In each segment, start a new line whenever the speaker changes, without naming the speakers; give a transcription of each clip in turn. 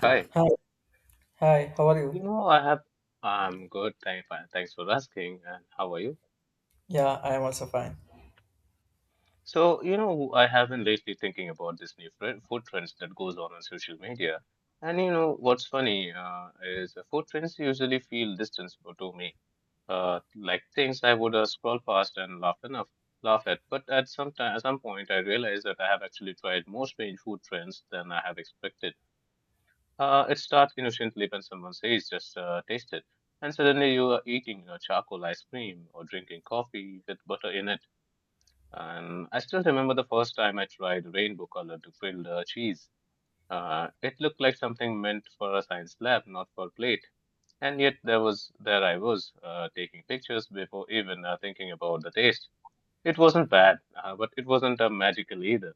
Hi.
Hi, hi, how are
You
you?
know, I have. I'm good. Thank, fine. Thanks for asking. And how are you?
Yeah, I am also fine.
So, you know, I have been lately thinking about this new food trends that goes on social media. And you know, what's funny is food trends usually feel distant to me, like things I would scroll past and laugh enough, laugh at. But at some point, I realized that I have actually tried more strange food trends than I have expected. It starts innocently when someone says, just taste it. And suddenly you are eating charcoal ice cream or drinking coffee with butter in it. And I still remember the first time I tried rainbow colored grilled cheese. It looked like something meant for a science lab, not for a plate. And yet there I was taking pictures before even thinking about the taste. It wasn't bad, but it wasn't magical either.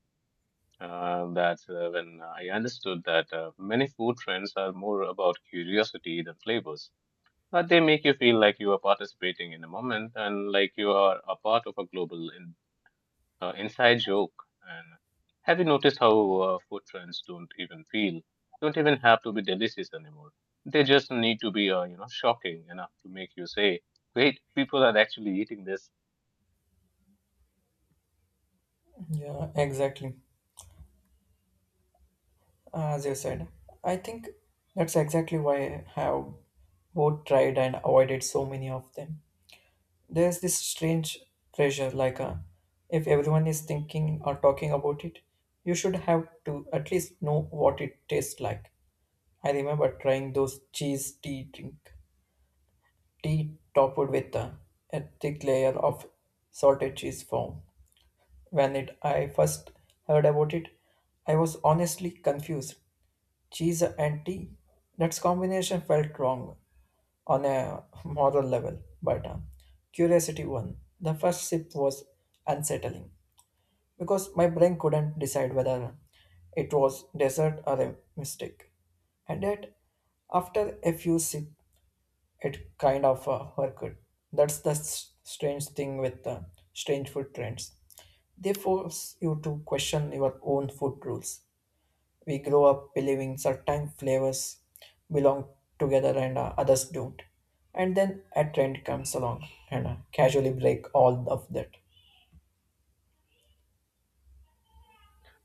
That's when I understood that many food trends are more about curiosity than flavors. But they make you feel like you are participating in a moment and like you are a part of a global inside joke. And have you noticed how food trends don't even have to be delicious anymore? They just need to be, shocking enough to make you say, "Wait, people are actually eating this."
Yeah, exactly. As you said, I think that's exactly why I have both tried and avoided so many of them. There's this strange pressure, if everyone is thinking or talking about it, you should have to at least know what it tastes like. I remember trying those cheese tea drink, tea topped with a thick layer of salted cheese foam. When I first heard about it, I was honestly confused. Cheese and tea? That combination felt wrong on a moral level, but curiosity won. The first sip was unsettling because my brain couldn't decide whether it was dessert or a mistake. And yet, after a few sips, it kind of worked. That's the strange thing with strange food trends. They force you to question your own food rules. We grow up believing certain flavors belong together and others don't. And then a trend comes along and casually break all of that.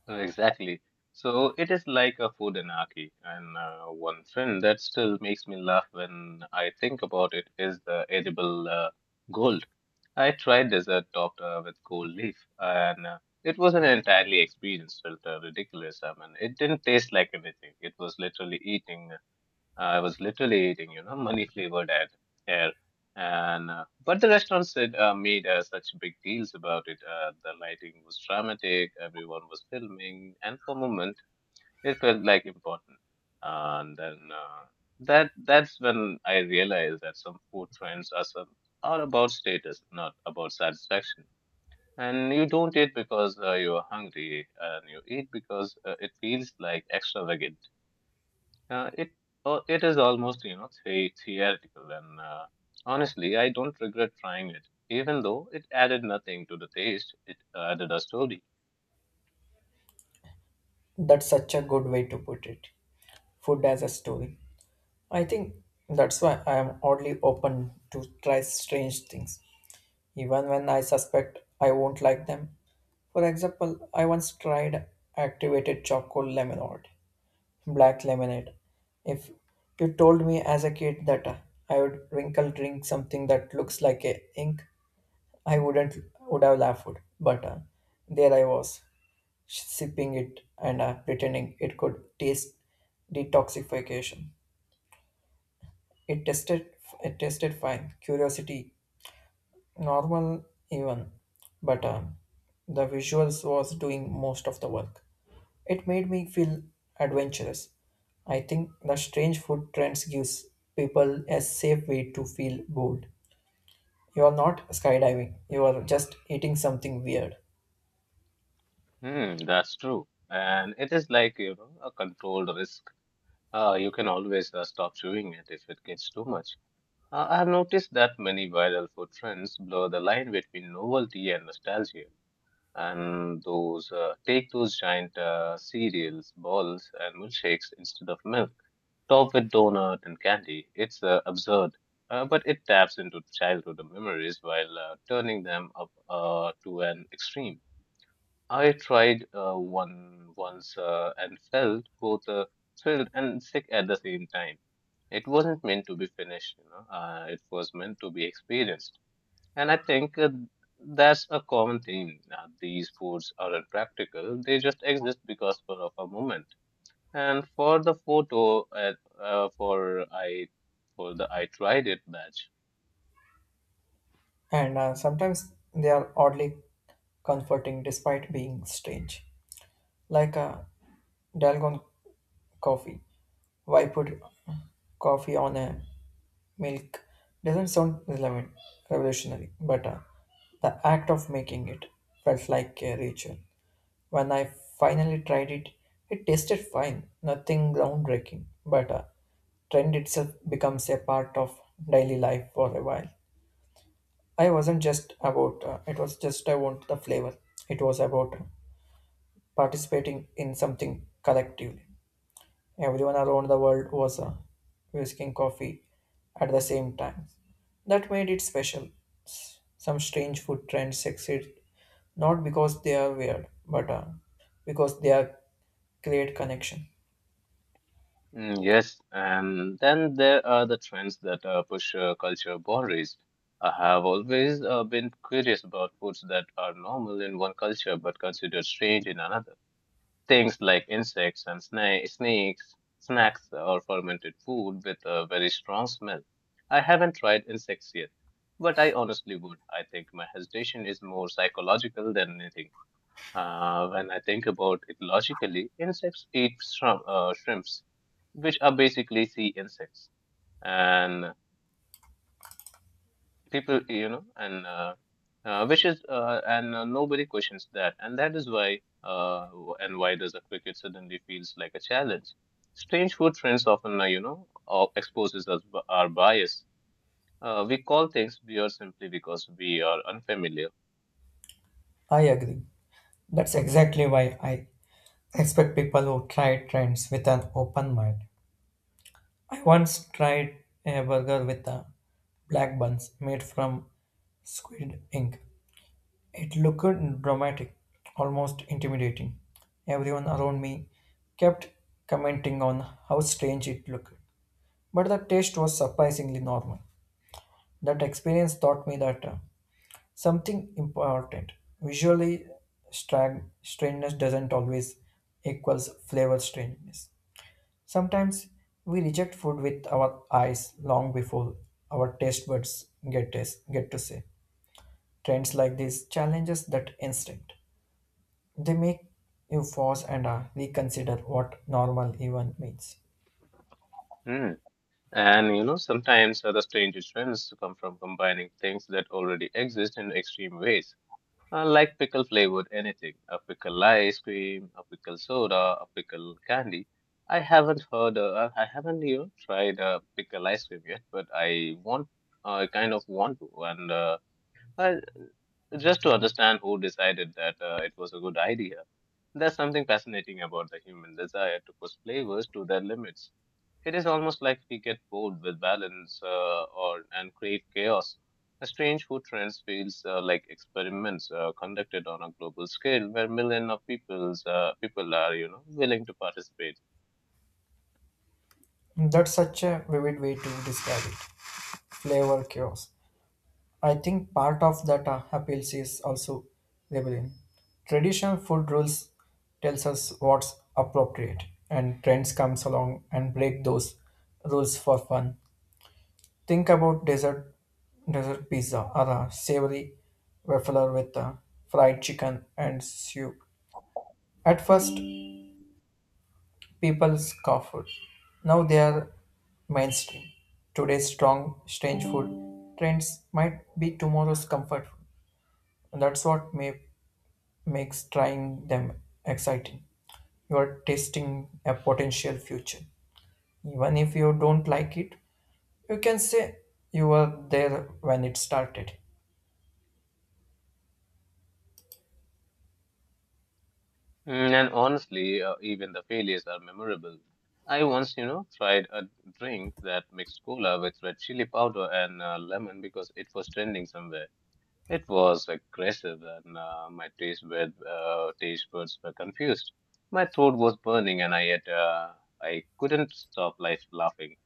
Exactly. So it is like a food anarchy. And one trend that still makes me laugh when I think about it is the edible gold. I tried dessert topped with gold leaf, and it was an entirely experience, felt ridiculous. I mean, it didn't taste like anything. It was literally eating I was literally eating, money flavored ad air. And but the restaurants made such big deals about it. The lighting was dramatic. Everyone was filming, and for a moment, it felt like important. And then that's when I realized that some food trends are about status, not about satisfaction. And you don't eat because you are hungry, and you eat because it feels like extravagant uh, it it is almost theoretical, and honestly, I don't regret trying it. Even though it added nothing to the taste, it added a story.
That's such a good way to put it. Food as a story. I think that's why I am oddly open to try strange things, even when I suspect I won't like them. For example, I once tried activated chocolate lemonade, black lemonade. If you told me as a kid that I would wrinkle drink something that looks like a ink, I wouldn't would have laughed. But there I was, sipping it and pretending it could taste detoxification. It tasted it tasted fine. Curiosity normal even, but the visuals was doing most of the work. It made me feel adventurous. I think the strange food trends gives people a safe way to feel bold. You are not skydiving, you are just eating something weird,
Hmm, that's true. And it is like a controlled risk. You can always stop chewing it if it gets too much. I've noticed that many viral food trends blur the line between novelty and nostalgia. And those take those giant cereals, balls, and milkshakes instead of milk, topped with donut and candy. It's absurd, but it taps into childhood memories while turning them up to an extreme. I tried one once and felt both thrilled and sick at the same time. It wasn't meant to be finished. It was meant to be experienced. And I think that's a common theme. These foods aren't practical; they just exist because for of a moment. And for the photo, for I for the I tried it batch.
and sometimes they are oddly comforting despite being strange, like a dalgone coffee. Why put coffee on a milk? Doesn't sound relevant, revolutionary, but the act of making it felt like a ritual. When I finally tried it, it tasted fine, nothing groundbreaking, but trend itself becomes a part of daily life for a while. I wasn't just about It was just I want the flavor. It was about participating in something collectively. Everyone around the world was whisking coffee at the same time. That made it special. Some strange food trends succeed not because they are weird, but because they are create connection.
Mm, yes, and then there are the trends that push culture boundaries. I have always been curious about foods that are normal in one culture but considered strange in another. Things like insects and snakes, snacks, or fermented food with a very strong smell. I haven't tried insects yet, but I honestly would. I think my hesitation is more psychological than anything. When I think about it logically, insects eat shrimps, which are basically sea insects. And people you know and which is and Nobody questions that, and that is why w- and why does a cricket suddenly feels like a challenge. Strange food trends often exposes our bias. We call things weird simply because we are unfamiliar.
I agree. That's exactly why I expect people who try trends with an open mind. I once tried a burger with a black buns made from squid ink. It looked dramatic, almost intimidating. Everyone around me kept commenting on how strange it looked, but the taste was surprisingly normal. That experience taught me that something important. Visually, strangeness doesn't always equals flavor strangeness. Sometimes we reject food with our eyes long before our taste buds get to say. Trends like this challenges that instinct. They make you pause and reconsider what normal even means.
Hmm. And sometimes other strange trends come from combining things that already exist in extreme ways. I like pickle flavored anything, a pickle ice cream, a pickle soda, a pickle candy. I haven't tried pickle ice cream yet, I kind of want to, and I, just to understand who decided that it was a good idea. There's something fascinating about the human desire to push flavors to their limits. It is almost like we get bored with balance or and crave chaos. A strange food trends feels like experiments conducted on a global scale where millions of people are willing to participate.
That's such a vivid way to describe it. Flavor chaos. I think part of that appeals is also rebellion. Traditional food rules tells us what's appropriate, and trends comes along and break those rules for fun. Think about dessert pizza or a savory waffler with fried chicken and soup. At first, people scoffed. Now they are mainstream. Today's strange food trends might be tomorrow's comfort food. And that's what makes trying them exciting. You are tasting a potential future. Even if you don't like it, you can say you were there when it started.
Mm, and honestly, even the failures are memorable. I once tried a drink that mixed cola with red chili powder and lemon because it was trending somewhere. It was aggressive, and my taste buds were confused. My throat was burning, and I yet I couldn't stop life laughing.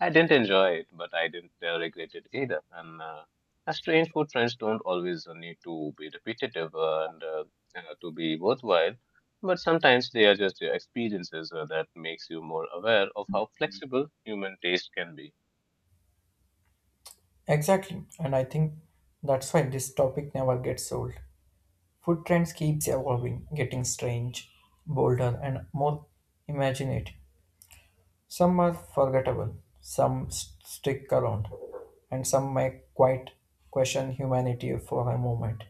I didn't enjoy it, but I didn't regret it either. And as strange food trends don't always need to be repetitive and to be worthwhile, but sometimes they are just experiences that makes you more aware of how flexible human taste can be.
Exactly. And I think that's why this topic never gets old. Food trends keeps evolving, getting strange, bolder, and more imaginative. Some are forgettable, some stick around, and some may quite question humanity for a moment.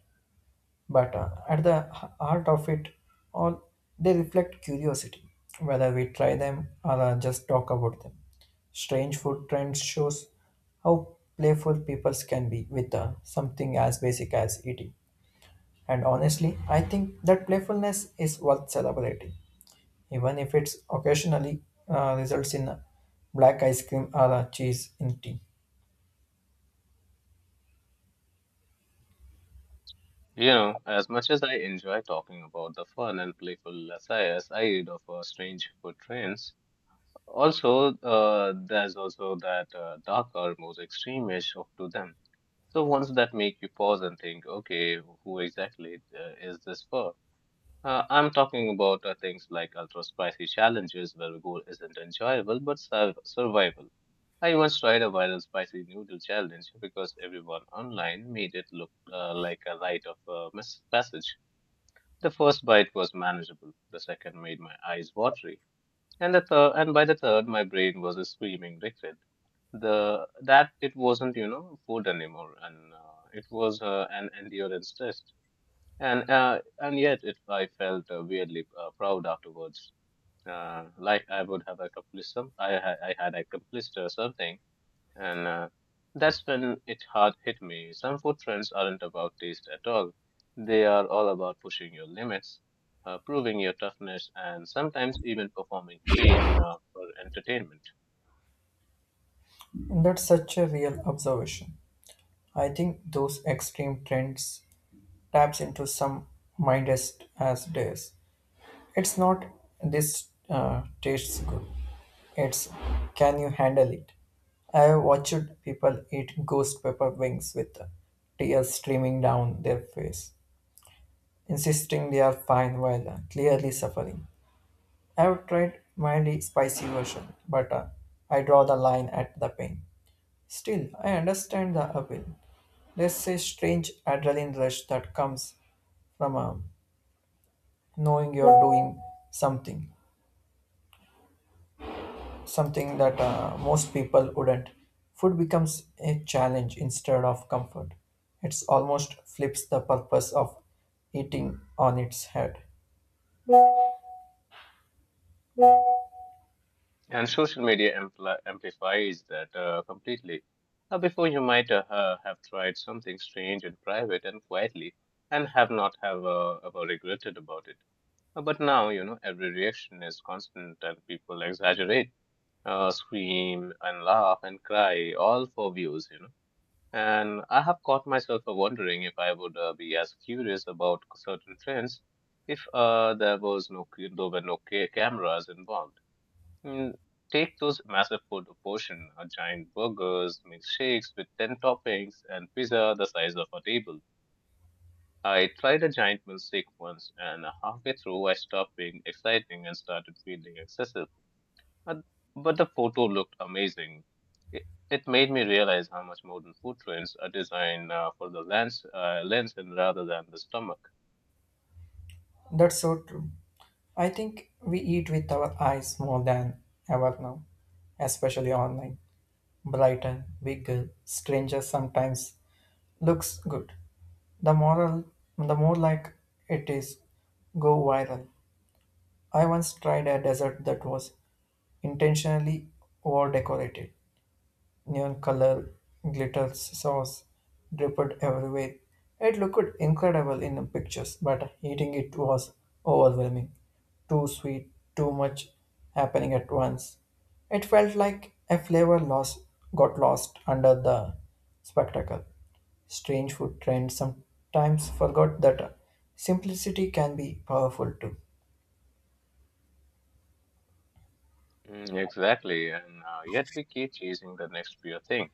But at the heart of it all, they reflect curiosity, whether we try them or just talk about them. Strange food trends shows how playful people can be with something as basic as eating. And honestly, I think that playfulness is worth celebrating, even if it's occasionally results in black ice cream or cheese in tea.
As much as I enjoy talking about the fun and playful SIS I read of strange food trends, also there's also that darker, more extreme edge of to them. So ones that make you pause and think, okay, who exactly is this for? I'm talking about things like ultra spicy challenges where the goal isn't enjoyable but survival. I once tried a viral spicy noodle challenge because everyone online made it look like a rite of passage. The first bite was manageable, the second made my eyes watery, and the third and by the third my brain was screaming regret. The that it wasn't, food anymore and it was an endurance test. And yet it I felt weirdly proud afterwards. Like I would have accomplished some I ha- I had accomplished something, and that's when it hard hit me. Some food trends aren't about taste at all. They are all about pushing your limits, proving your toughness, and sometimes even performing pain for entertainment.
And that's such a real observation. I think those extreme trends taps into some mindless as days. It's not this tastes good. It's can you handle it? I have watched people eat ghost pepper wings with tears streaming down their face, insisting they are fine while clearly suffering. I've tried mildly spicy version, but I draw the line at the pain. Still, I understand the appeal. There's a strange adrenaline rush that comes from knowing you're doing something, something that most people wouldn't. Food becomes a challenge instead of comfort. It's almost flips the purpose of eating on its head.
And social media amplifies that completely. Before you might have tried something strange and private and quietly, and have not have ever regretted about it. But now every reaction is constant, and people exaggerate scream and laugh and cry, all for views. And I have caught myself wondering if I would be as curious about certain trends if there were no cameras involved. Mm, Take those massive food portion, giant burgers, milkshakes with ten toppings, and pizza the size of a table. I tried a giant milkshake once, and halfway through I stopped being exciting and started feeling excessive. But, but the photo looked amazing. It made me realize how much modern food trends are designed for the lens and rather than the stomach.
That's so true. I think we eat with our eyes more than ever now, especially online. Brighter, bigger, stranger sometimes looks good. The moral, the more like it is, go viral. I once tried a dessert that was intentionally over decorated, neon color glitters sauce dripped everywhere. It looked incredible in pictures, but eating it was overwhelming. Too sweet, too much happening at once. It felt like a flavor loss got lost under the spectacle. Strange food trends sometimes forgot that simplicity can be powerful too.
Mm, exactly, and yet we keep chasing the next fear thing.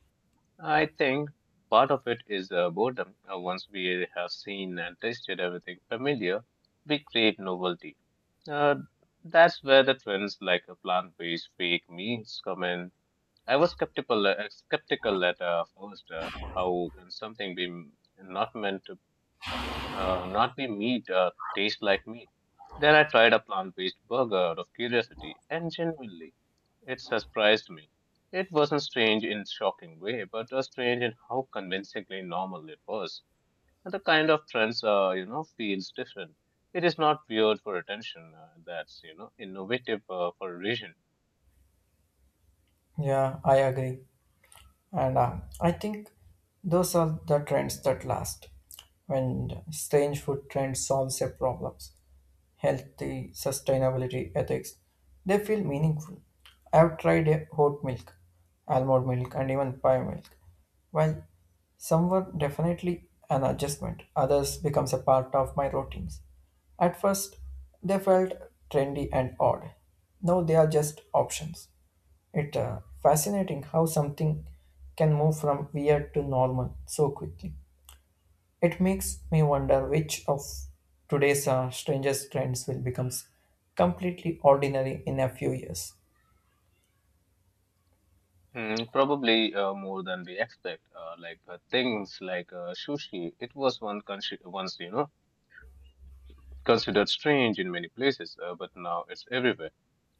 I think part of it is boredom. Once we have seen and tasted everything familiar, we crave novelty. Uh, that's where the trends like a plant-based fake meats come in. I was skeptical at first. How can something be m- not meant to not be meat taste like meat. Then I tried a plant-based burger out of curiosity, and genuinely, it surprised me. It wasn't strange in shocking way, but strange in how convincingly normal it was. And the kind of trends, feels different. It is not weird for attention. That's innovative for a reason.
Yeah, I agree. And I think those are the trends that last. When strange food trends solves their problems, healthy, sustainability, ethics, they feel meaningful. I have tried a oat milk, almond milk, and even pie milk. While some were definitely an adjustment, others becomes a part of my routines. At first, they felt trendy and odd. Now they are just options. It's fascinating how something can move from weird to normal so quickly. It makes me wonder which of today's strangest trends will become completely ordinary in a few years.
Mm, probably more than we expect. Things like sushi, it was one country once considered strange in many places, but now it's everywhere.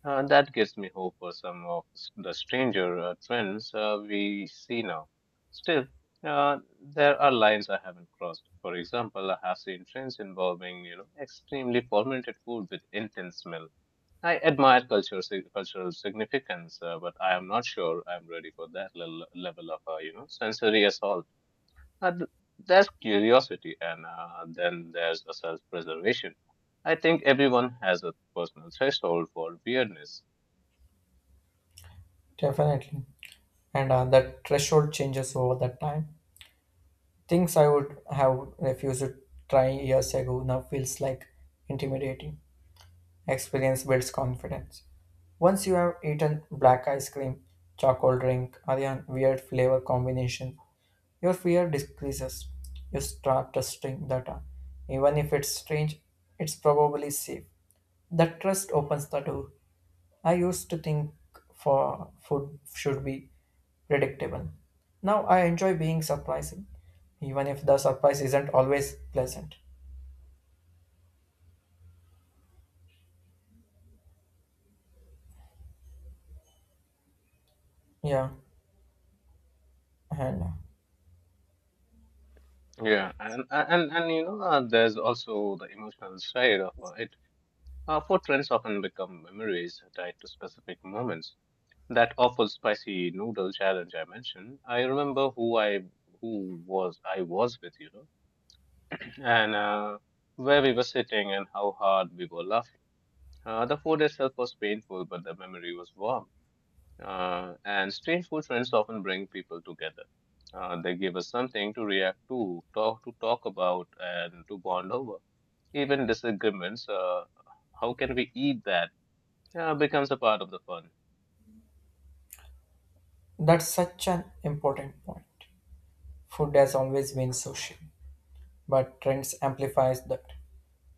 That gives me hope for some of the stranger trends we see now. Still, there are lines I haven't crossed. For example, I have seen trends involving extremely fermented food with intense smell. I admire cultural significance, but I am not sure I'm ready for that level of sensory assault. Uh, th- there's curiosity, and then there's a self-preservation. I think everyone has a personal threshold for weirdness.
Definitely. And the threshold changes over the time. Things I would have refused to try years ago now feels like intimidating. Experience builds confidence. Once you have eaten black ice cream, chocolate drink, or a weird flavor combination, your fear decreases. You start trusting data. Even if it's strange, it's probably safe. That trust opens the door. I used to think for food should be predictable. Now I enjoy being surprising, even if the surprise isn't always pleasant. Yeah, and
Yeah, and there's also the emotional side of it. Footprints often become memories tied to specific moments, that awful spicy noodle challenge I mentioned. I remember who was I was with, you know, and where we were sitting and how hard we were laughing. The food itself was painful, but the memory was warm. And strange food trends often bring people together. They give us something to react to, talk about, and to bond over. Even disagreements, how can we eat that, becomes a part of the fun.
that's such an important point. Food has always been social, but trends amplifies that.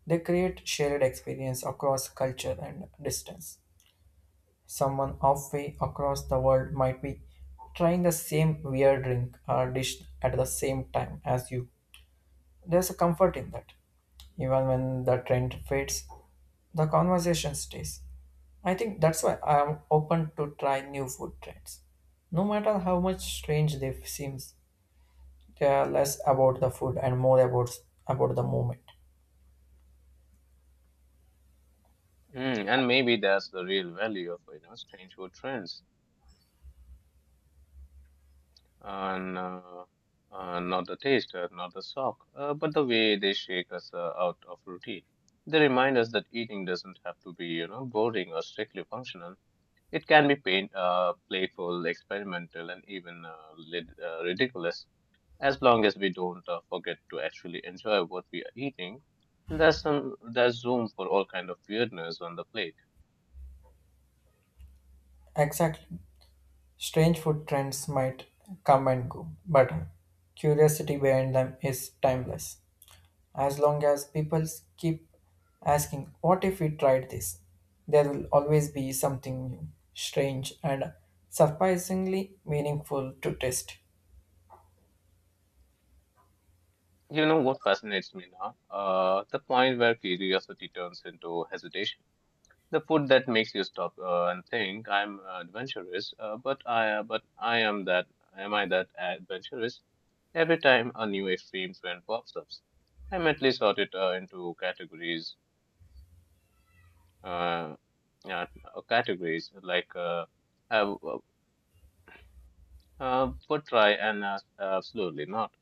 They create shared experience across culture and distance. Someone halfway across the world might be trying the same weird drink or dish at the same time as you. There's a comfort in that. Even when the trend fades, the conversation stays. I think that's why I am open to try new food trends. No matter how much strange they seem, they are less about the food and more about the moment.
Mm, and maybe that's the real value of you know strange food trends, and not the taste, not the shock, but the way they shake us out of routine. They remind us that eating doesn't have to be you know boring or strictly functional. It can be playful, experimental, and even ridiculous, as long as we don't forget to actually enjoy what we are eating. There's room for all kind of weirdness on the plate.
Exactly. Strange food trends might come and go, but curiosity behind them is timeless. As long as people keep asking, "What if we tried this?" there will always be something new, strange, and surprisingly meaningful to test.
You know what fascinates me now? The point where curiosity turns into hesitation. The food that makes you stop and think, "I'm adventurous," but I am that. Am I that adventurous? Every time a new extreme trend pops up, I mentally sort it into categories. Uh, yeah, categories like I w- would try and ask, absolutely not.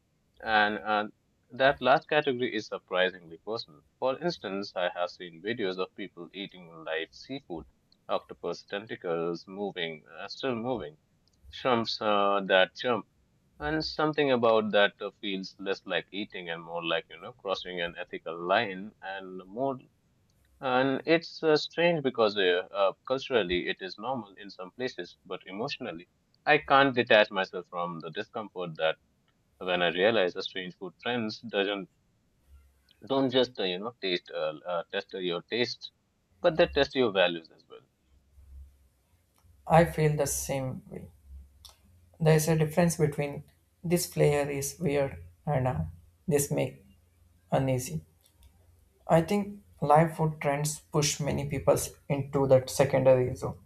And that last category is surprisingly personal. For instance, I have seen videos of people eating live seafood, octopus tentacles still moving, shrimps that jump, and something about that feels less like eating and more like, you know, crossing an ethical line and it's strange because culturally it is normal in some places, but emotionally, I can't detach myself from the discomfort that when I realize a strange food trends doesn't don't just you know taste test your taste, but they test your values as well.
I feel the same way. There is a difference between this flair is weird and this make uneasy. I think life food trends push many people into that secondary zone.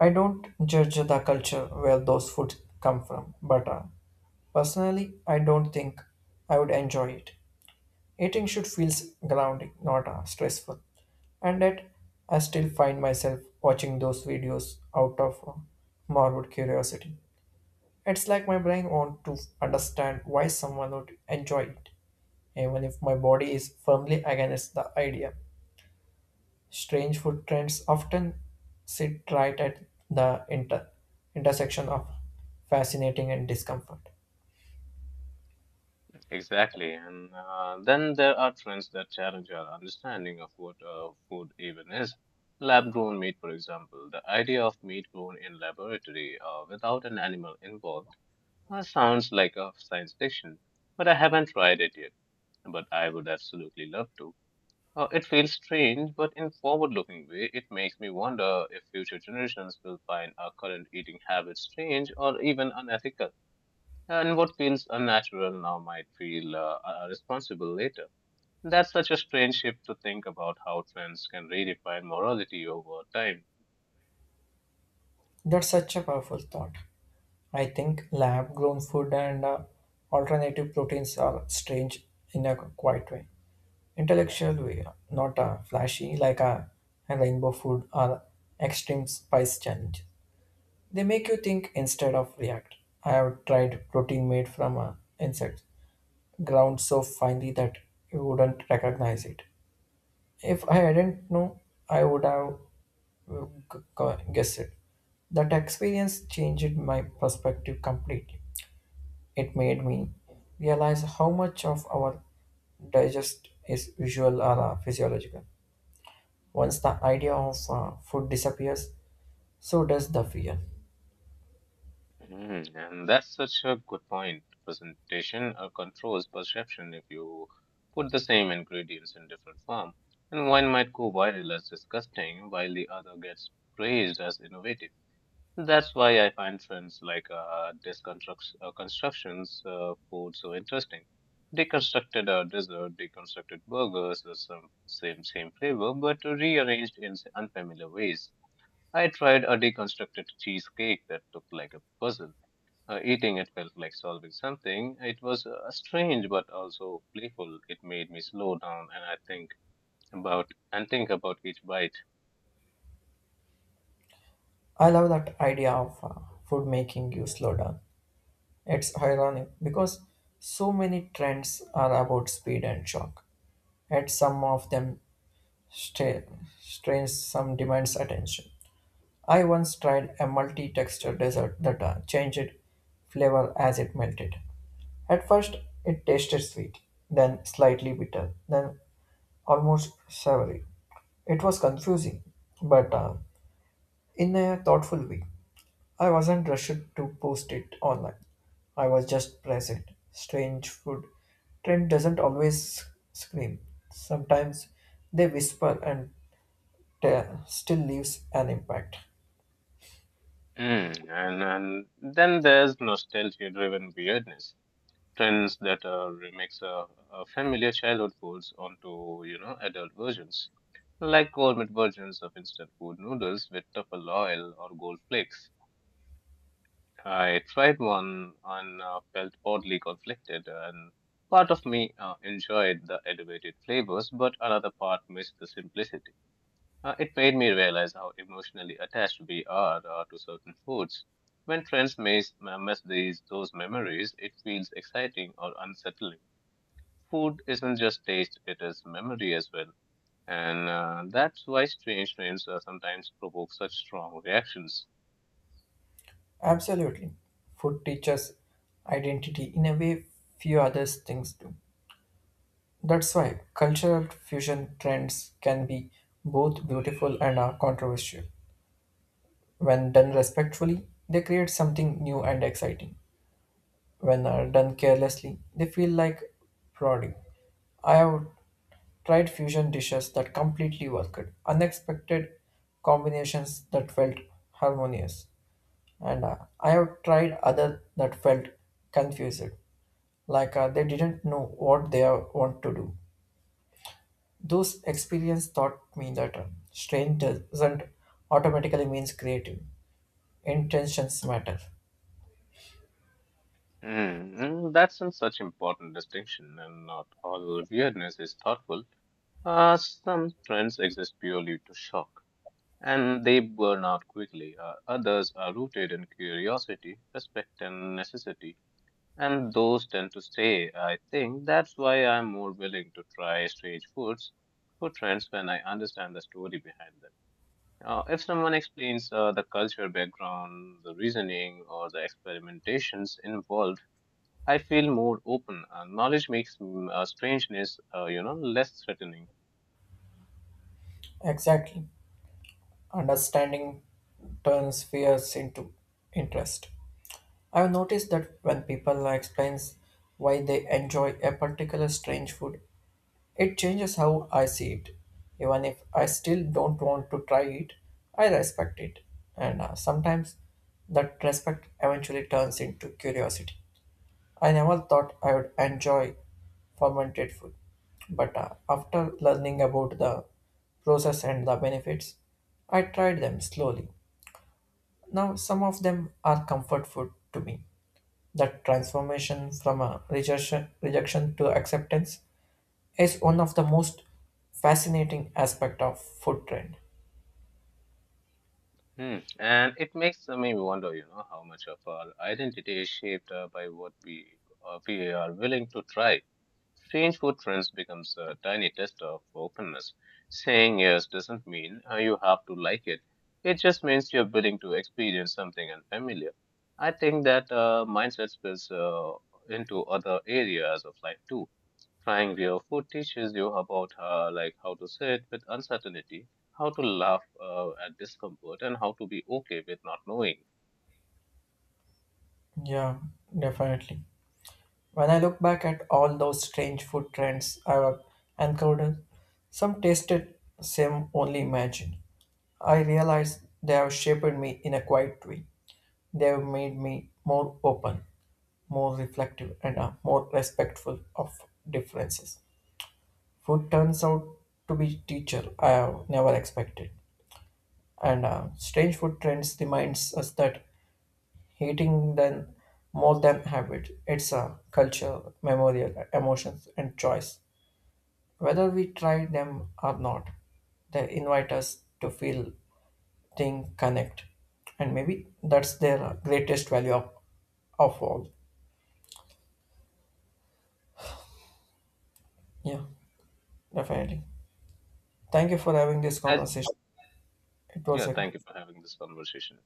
I don't judge the culture where those foods come from, but personally, I don't think I would enjoy it. Eating should feel grounding, not stressful. And yet, I still find myself watching those videos out of morbid curiosity. It's like my brain wants to understand why someone would enjoy it, even if my body is firmly against the idea. Strange food trends often sit right at the intersection of fascinating and discomfort.
Exactly, and then there are trends that challenge our understanding of what food even is. Lab-grown meat, for example, the idea of meat grown in laboratory without an animal involved. That sounds like a science fiction, but I haven't tried it yet. But I would absolutely love to. It feels strange, but in forward-looking way, it makes me wonder if future generations will find our current eating habits strange or even unethical. And what feels unnatural now might feel responsible later. That's such a strange shift to think about how trends can redefine morality over time.
That's such a powerful thought. I think lab grown food and alternative proteins are strange in a quiet way. Intellectual way, not flashy like a rainbow food or extreme spice challenge. They make you think instead of react. I have tried protein made from insects, ground so finely that you wouldn't recognize it. If I didn't know, I would have guessed it. That experience changed my perspective completely. It made me realize how much of our digest is visual or physiological. Once the idea of food disappears, so does the fear.
Mm, and that's such a good point. Presentation controls perception. If you put the same ingredients in different form, and one might go viral as disgusting, while the other gets praised as innovative. That's why I find trends like disconstructs constructions food so interesting. They constructed a dessert, they constructed burgers, the some, same same flavor, but rearranged in unfamiliar ways. I tried a deconstructed cheesecake that looked like a puzzle. Uh, eating it felt like solving something. It was strange but also playful. It made me slow down and I think about and think about each bite.
I love that idea of food making you slow down. It's ironic because so many trends are about speed and shock, and some of them Stra- strains some demands attention. I once tried a multi-texture dessert that changed flavor as it melted. At first, it tasted sweet, then slightly bitter, then almost savory. It was confusing, but in a thoughtful way. I wasn't rushed to post it online. I was just present. Strange food trend doesn't always scream. Sometimes they whisper and still leaves an impact.
Mm, and then there's nostalgia-driven weirdness. Trends that remix familiar childhood foods onto you know adult versions, like gourmet versions of instant food noodles with truffle oil or gold flakes. I tried one and felt oddly conflicted, and part of me enjoyed the elevated flavors, but another part missed the simplicity. It made me realize how emotionally attached we are to certain foods. When friends miss these those memories, it feels exciting or unsettling. Food isn't just taste; it is memory as well, and that's why strange names sometimes provoke such strong reactions.
Absolutely. Food teaches identity in a way few other things do. That's why cultural fusion trends can be both beautiful and are controversial. When done respectfully, they create something new and exciting. When are done carelessly, they feel like prodding. I have tried fusion dishes that completely worked, unexpected combinations that felt harmonious. And I have tried other that felt confused, like they didn't know what they want to do. Those experience taught me that strange doesn't automatically means creative. Intentions matter.
That's an such important distinction, and not all weirdness is thoughtful. Some trends exist purely to shock, and they burn out quickly. Others are rooted in curiosity, respect, and necessity, and those tend to stay. I think that's why I'm more willing to try food trends when I understand the story behind them. If someone explains the culture background, the reasoning, or the experimentations involved, I feel more open. Knowledge makes strangeness, you know, less threatening.
Exactly. Understanding turns fears into interest. I've noticed that when people explains why they enjoy a particular strange food, it changes how I see it. Even if I still don't want to try it, I respect it. And sometimes that respect eventually turns into curiosity. I never thought I would enjoy fermented food. But after learning about the process and the benefits, I tried them slowly. Now, some of them are comfort food to me. That transformation from a rejection to acceptance is one of the most fascinating aspect of food trend.
Hmm. And it makes me wonder, you know, how much of our identity is shaped by what we are willing to try. Strange food trends becomes a tiny test of openness. Saying yes doesn't mean you have to like it. It just means you're willing to experience something unfamiliar. I think that mindset spills into other areas of life too. Trying real food teaches you about like how to sit with uncertainty, how to laugh at discomfort, and how to be okay with not knowing.
Yeah, definitely. When I look back at all those strange food trends I've encountered, some tasted same only imagine. I realize they have shaped me in a quiet way. They have made me more open, more reflective, and more respectful of differences. Food turns out to be teacher I have never expected. And strange food trends reminds us that hating than more than habit. It's a culture, memorial, emotions, and choice. Whether we try them or not, they invite us to feel, think, connect, and maybe that's their greatest value of all. Yeah, definitely. Thank you for having this
And
conversation. It was
yeah,
a
thank you for having this conversation.